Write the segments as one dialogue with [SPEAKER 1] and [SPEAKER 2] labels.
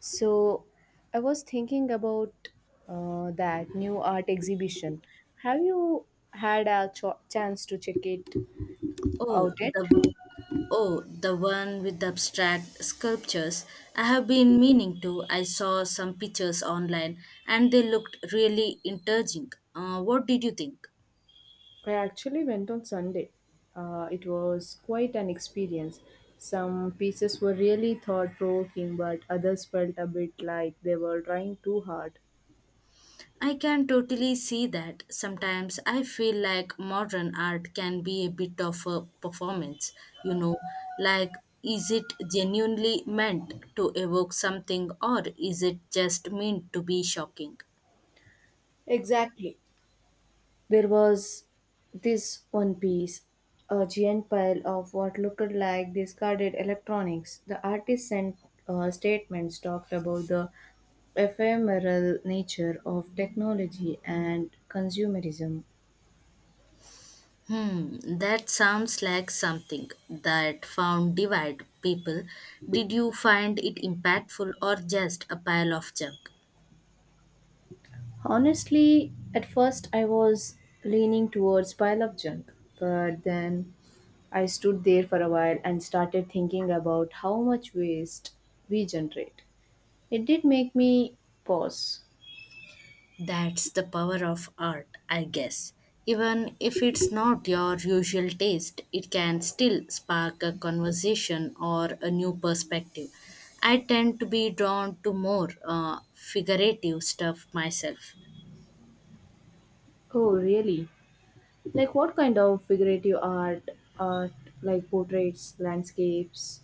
[SPEAKER 1] So, I was thinking about that new art exhibition. Have you had a chance to check it out
[SPEAKER 2] Oh,
[SPEAKER 1] yet?
[SPEAKER 2] the w- oh, the one with the abstract sculptures. I have been meaning to. I saw some pictures online and they looked really intriguing. What did you think?
[SPEAKER 1] I actually went on Sunday. It was quite an experience. Some pieces were really thought provoking, but others felt a bit like they were trying too hard.
[SPEAKER 2] I can totally see that. Sometimes I feel like modern art can be a bit of a performance, you know, like is it genuinely meant to evoke something or is it just meant to be shocking?
[SPEAKER 1] Exactly. There was this one piece, a giant pile of what looked like discarded electronics. The artist sent statements talked about the ephemeral nature of technology and consumerism.
[SPEAKER 2] Hmm, that sounds like something that found divide people. Did you find it impactful or just a pile of junk?
[SPEAKER 1] Honestly, at first I was leaning towards pile of junk, but then I stood there for a while and started thinking about how much waste we generate. It did make me pause.
[SPEAKER 2] That's the power of art, I guess. Even if it's not your usual taste, it can still spark a conversation or a new perspective. I tend to be drawn to more figurative stuff myself.
[SPEAKER 1] Oh, really? Like what kind of figurative art like portraits, landscapes,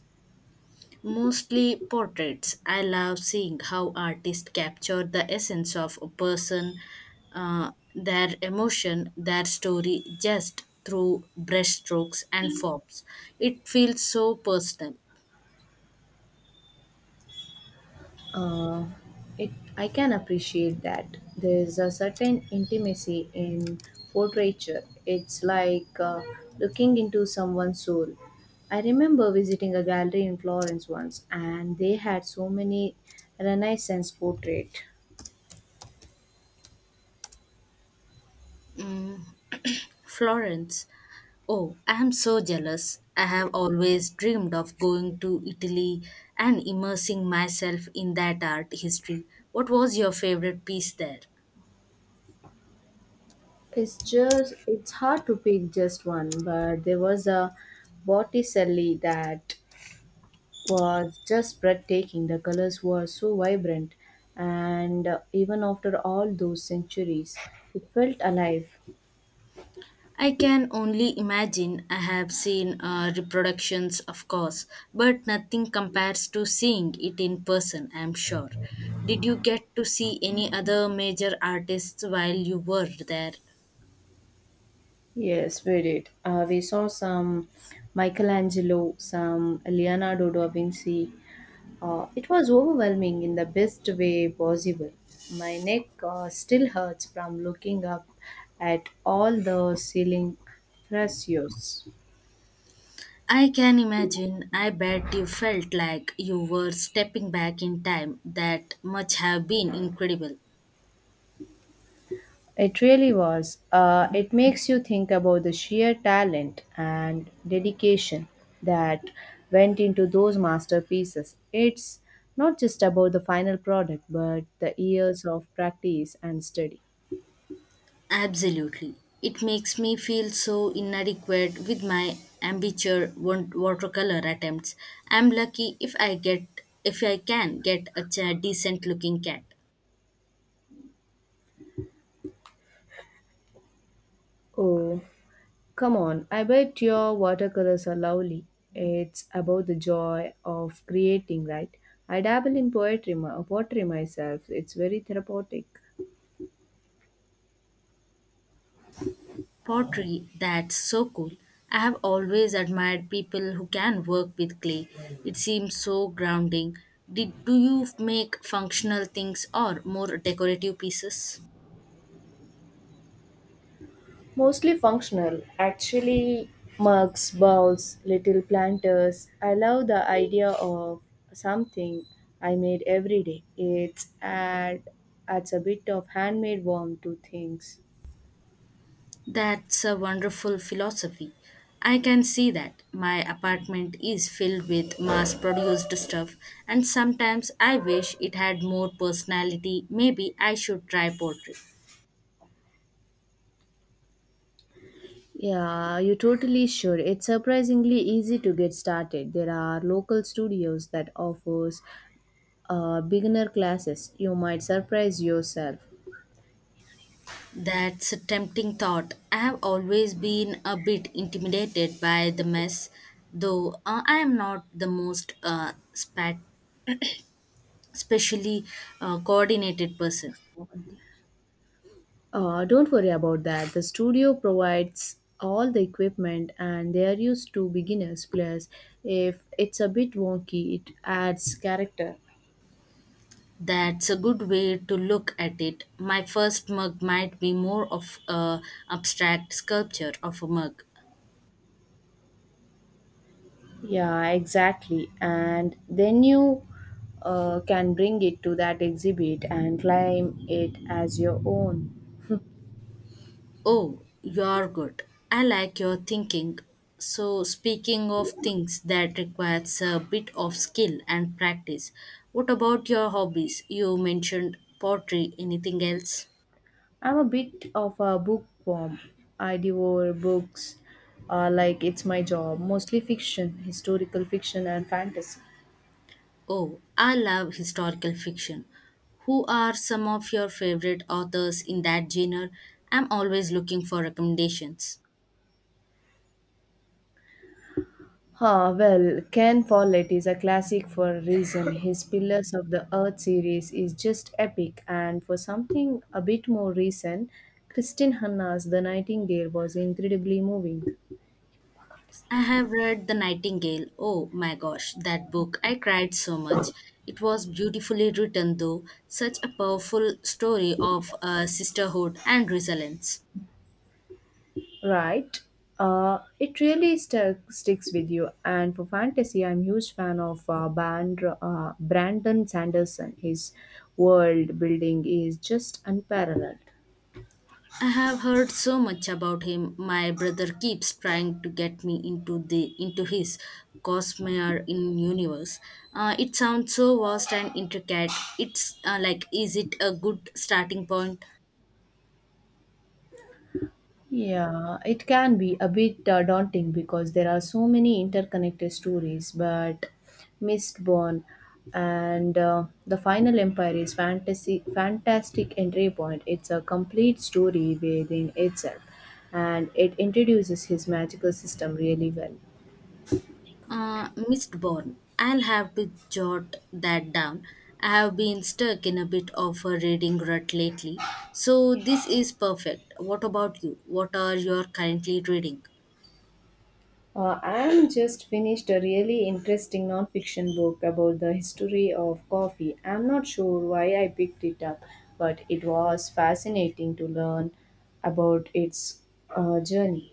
[SPEAKER 2] Mostly portraits. I love seeing how artists capture the essence of a person, their emotion, their story, just through brushstrokes and forms. It feels so personal.
[SPEAKER 1] uh, it I can appreciate that. There's a certain intimacy in portraiture. It's like looking into someone's soul. I remember visiting a gallery in Florence once, and they had so many Renaissance portraits.
[SPEAKER 2] Florence. Oh, I am so jealous. I have always dreamed of going to Italy and immersing myself in that art history. What was your favorite piece there?
[SPEAKER 1] It's hard to pick just one, but there was a Botticelli that was just breathtaking. The colors were so vibrant, and even after all those centuries, it felt alive.
[SPEAKER 2] I can only imagine. I have seen reproductions, of course, but nothing compares to seeing it in person, I'm sure. Did you get to see any other major artists while you were there?
[SPEAKER 1] Yes, we did. We saw some Michelangelo, some Leonardo da Vinci. It was overwhelming in the best way possible. My neck still hurts from looking up at all the ceiling frescoes.
[SPEAKER 2] I can imagine. I bet you felt like you were stepping back in time. That must have been incredible.
[SPEAKER 1] It really was. It makes you think about the sheer talent and dedication that went into those masterpieces. It's not just about the final product, but the years of practice and study.
[SPEAKER 2] Absolutely. It makes me feel so inadequate with my amateur watercolor attempts. I'm lucky if I get if I can get a decent looking cat.
[SPEAKER 1] Oh, come on. I bet your watercolors are lovely. It's about the joy of creating, right? I dabble in poetry myself. It's very therapeutic.
[SPEAKER 2] Pottery, that's so cool. I have always admired people who can work with clay. It seems so grounding. Did Do you make functional things or more decorative pieces?
[SPEAKER 1] Mostly functional, actually, mugs, bowls, little planters. I love the idea of something I made every day. It's add adds a bit of handmade warmth to things.
[SPEAKER 2] That's a wonderful philosophy. I can see that. My apartment is filled with mass produced stuff, and sometimes I wish it had more personality. Maybe I should try pottery.
[SPEAKER 1] Yeah, you totally should. It's surprisingly easy to get started. There are local studios that offers beginner classes. You might surprise yourself.
[SPEAKER 2] That's a tempting thought. I have always been a bit intimidated by the mess, though I am not the most spat- specially coordinated person.
[SPEAKER 1] Don't worry about that. The studio provides all the equipment and they are used to beginners. Plus, if it's a bit wonky, it adds character.
[SPEAKER 2] That's a good way to look at it. My first mug might be more of a abstract sculpture of a mug.
[SPEAKER 1] Yeah, exactly. And then you can bring it to that exhibit and claim it as your own.
[SPEAKER 2] Oh, you're good. I like your thinking. So, speaking of things that requires a bit of skill and practice, what about your hobbies? You mentioned pottery. Anything else?
[SPEAKER 1] I'm a bit of a bookworm. I devour books like it's my job, mostly fiction, historical fiction, and fantasy.
[SPEAKER 2] Oh, I love historical fiction. Who are some of your favorite authors in that genre? I'm always looking for recommendations.
[SPEAKER 1] Ah, well, Ken Follett is a classic for a reason. His Pillars of the Earth series is just epic, and for something a bit more recent, Kristin Hanna's The Nightingale was incredibly moving.
[SPEAKER 2] I have read The Nightingale. Oh my gosh, that book. I cried so much. It was beautifully written, though, such a powerful story of sisterhood and resilience.
[SPEAKER 1] Right? It really stuck sticks with you. And for fantasy, I'm huge fan of Brandon Sanderson. His world building is just unparalleled.
[SPEAKER 2] I have heard so much about him. My brother keeps trying to get me into his Cosmere in universe. It sounds so vast and intricate. It's like, is it a good starting point?
[SPEAKER 1] Yeah, it can be a bit daunting because there are so many interconnected stories, but Mistborn and The Final Empire is fantastic entry point. It's a complete story within itself, and it introduces his magical system really well.
[SPEAKER 2] Missed born. I'll have to jot that down. I have been stuck in a bit of a reading rut lately, so this is perfect. What about you? What are you currently reading?
[SPEAKER 1] I'm just finished a really interesting non-fiction book about the history of coffee. I'm not sure why I picked it up, but it was fascinating to learn about its journey.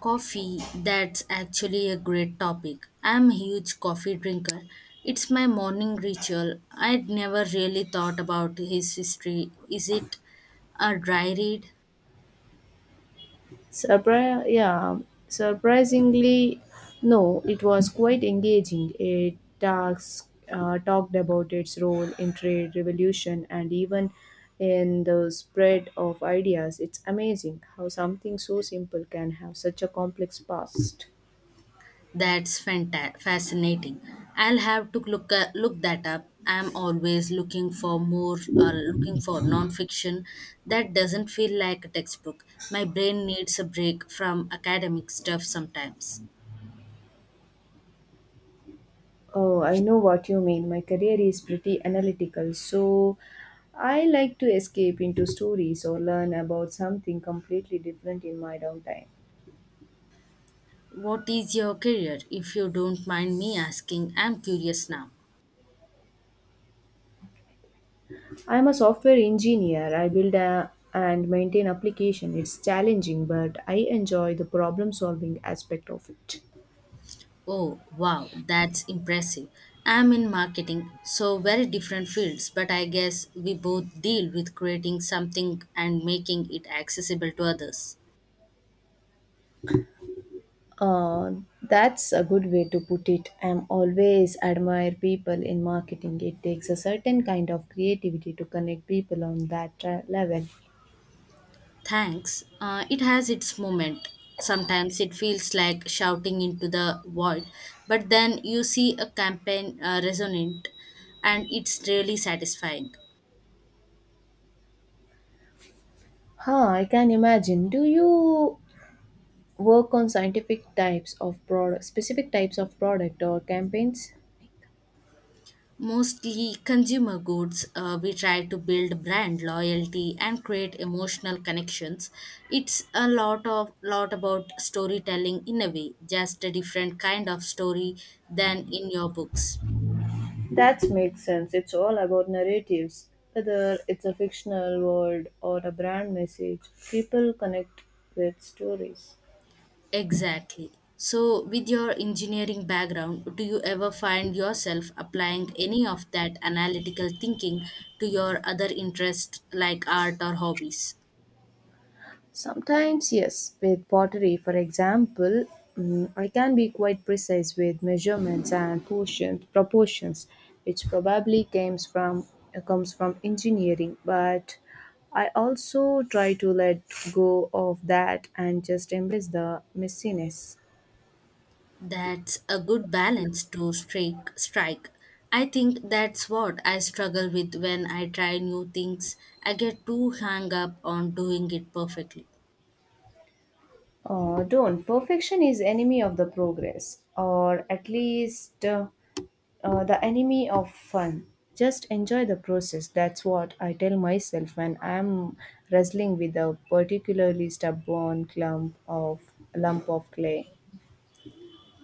[SPEAKER 2] Coffee, that's actually a great topic. I'm a huge coffee drinker. It's my morning ritual. I'd never really thought about his history. Is it a dry read?
[SPEAKER 1] Yeah, surprisingly, no, it was quite engaging. It talked about its role in trade revolution and even in the spread of ideas. It's amazing how something so simple can have such a complex past.
[SPEAKER 2] That's fascinating. I'll have to look that up. I'm always looking for nonfiction that doesn't feel like a textbook. My brain needs a break from academic stuff sometimes.
[SPEAKER 1] Oh, I know what you mean. My career is pretty analytical, so I like to escape into stories or learn about something completely different in my downtime.
[SPEAKER 2] What is your career, if you don't mind me asking? I'm curious now.
[SPEAKER 1] I am a software engineer. I build a, and maintain application. It's challenging, but I enjoy the problem solving aspect of it.
[SPEAKER 2] Oh, wow, that's impressive. I'm in marketing, so very different fields, but I guess we both deal with creating something and making it accessible to others.
[SPEAKER 1] Uh, that's a good way to put it. I'm always admire people in marketing. It takes a certain kind of creativity to connect people on that level.
[SPEAKER 2] Thanks. It has its moment. Sometimes it feels like shouting into the void, but then you see a campaign resonant and it's really satisfying.
[SPEAKER 1] Huh, I can imagine. Do you work on scientific types of product, specific types of product or campaigns?
[SPEAKER 2] Mostly consumer goods, we try to build brand loyalty and create emotional connections. It's a lot about storytelling in a way, just a different kind of story than in your books.
[SPEAKER 1] That makes sense. It's all about narratives. Whether it's a fictional world or a brand message, people connect with stories.
[SPEAKER 2] Exactly. So, with your engineering background, do you ever find yourself applying any of that analytical thinking to your other interests like art or hobbies?
[SPEAKER 1] Sometimes, yes, with pottery, for example, I can be quite precise with measurements and proportions, which probably comes from engineering, but I also try to let go of that and just embrace the messiness.
[SPEAKER 2] That's a good balance to strike. I think that's what I struggle with when I try new things. I get too hung up on doing it perfectly.
[SPEAKER 1] Don't. Perfection is enemy of the progress, or at least the enemy of fun. Just enjoy the process. That's what I tell myself when I'm wrestling with a particularly stubborn clump of lump of clay.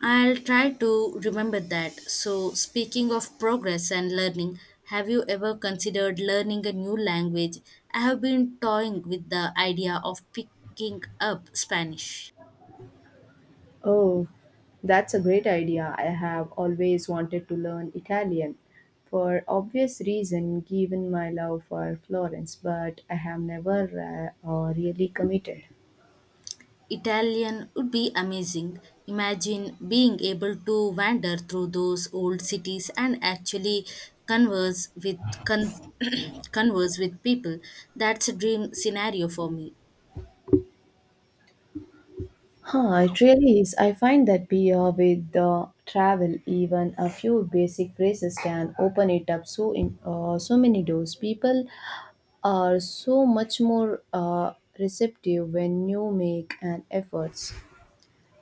[SPEAKER 2] I'll try to remember that. So, speaking of progress and learning, have you ever considered learning a new language? I have been toying with the idea of picking up Spanish.
[SPEAKER 1] Oh, that's a great idea. I have always wanted to learn Italian for obvious reason given my love for Florence, but I have never really committed.
[SPEAKER 2] Italian would be amazing. Imagine being able to wander through those old cities and actually converse with con- converse with people. That's a dream scenario for me.
[SPEAKER 1] Huh, it really is. I find that beer with travel, even a few basic phrases can open it up so many doors. People are so much more receptive when you make an effort.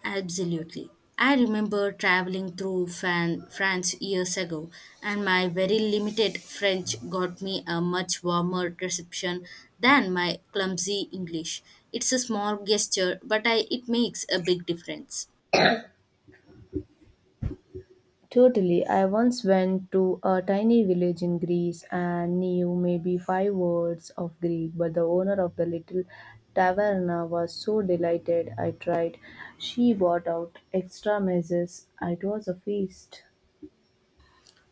[SPEAKER 2] Absolutely. I remember traveling through Fan France years ago, and my very limited French got me a much warmer reception than my clumsy English. It's a small gesture, but it makes a big difference.
[SPEAKER 1] Totally. I once went to a tiny village in Greece and knew maybe five words of Greek, but the owner of the little taverna was so delighted I tried. She brought out extra messes. It was a feast.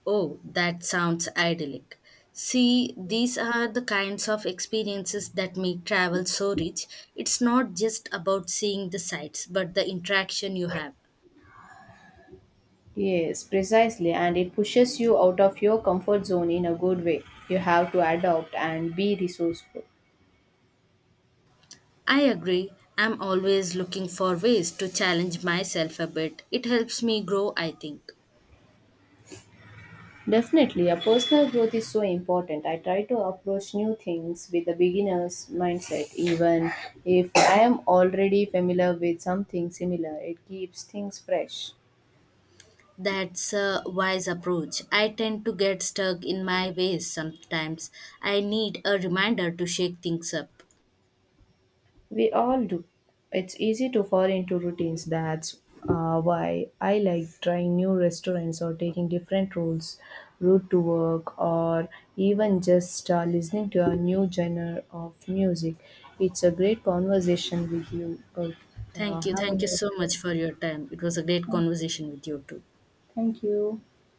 [SPEAKER 2] Oh, that sounds idyllic. See, these are the kinds of experiences that make travel so rich. It's not just about seeing the sights, but the interaction you have.
[SPEAKER 1] Yes, precisely, and it pushes you out of your comfort zone in a good way. You have to adapt and be resourceful.
[SPEAKER 2] I agree. I'm always looking for ways to challenge myself a bit. It helps me grow, I think.
[SPEAKER 1] Definitely, a personal growth is so important. I try to approach new things with a beginner's mindset, even if I am already familiar with something similar. It keeps things fresh.
[SPEAKER 2] That's a wise approach. I tend to get stuck in my ways sometimes. I need a reminder to shake things up.
[SPEAKER 1] We all do. It's easy to fall into routines. That's why I like trying new restaurants or taking different route to work, or even just listening to a new genre of music. It's a great conversation with you.
[SPEAKER 2] Thank you.
[SPEAKER 1] Have a
[SPEAKER 2] Thank you
[SPEAKER 1] nice
[SPEAKER 2] so
[SPEAKER 1] day.
[SPEAKER 2] much for your time. It was a great conversation with you too.
[SPEAKER 1] Thank you.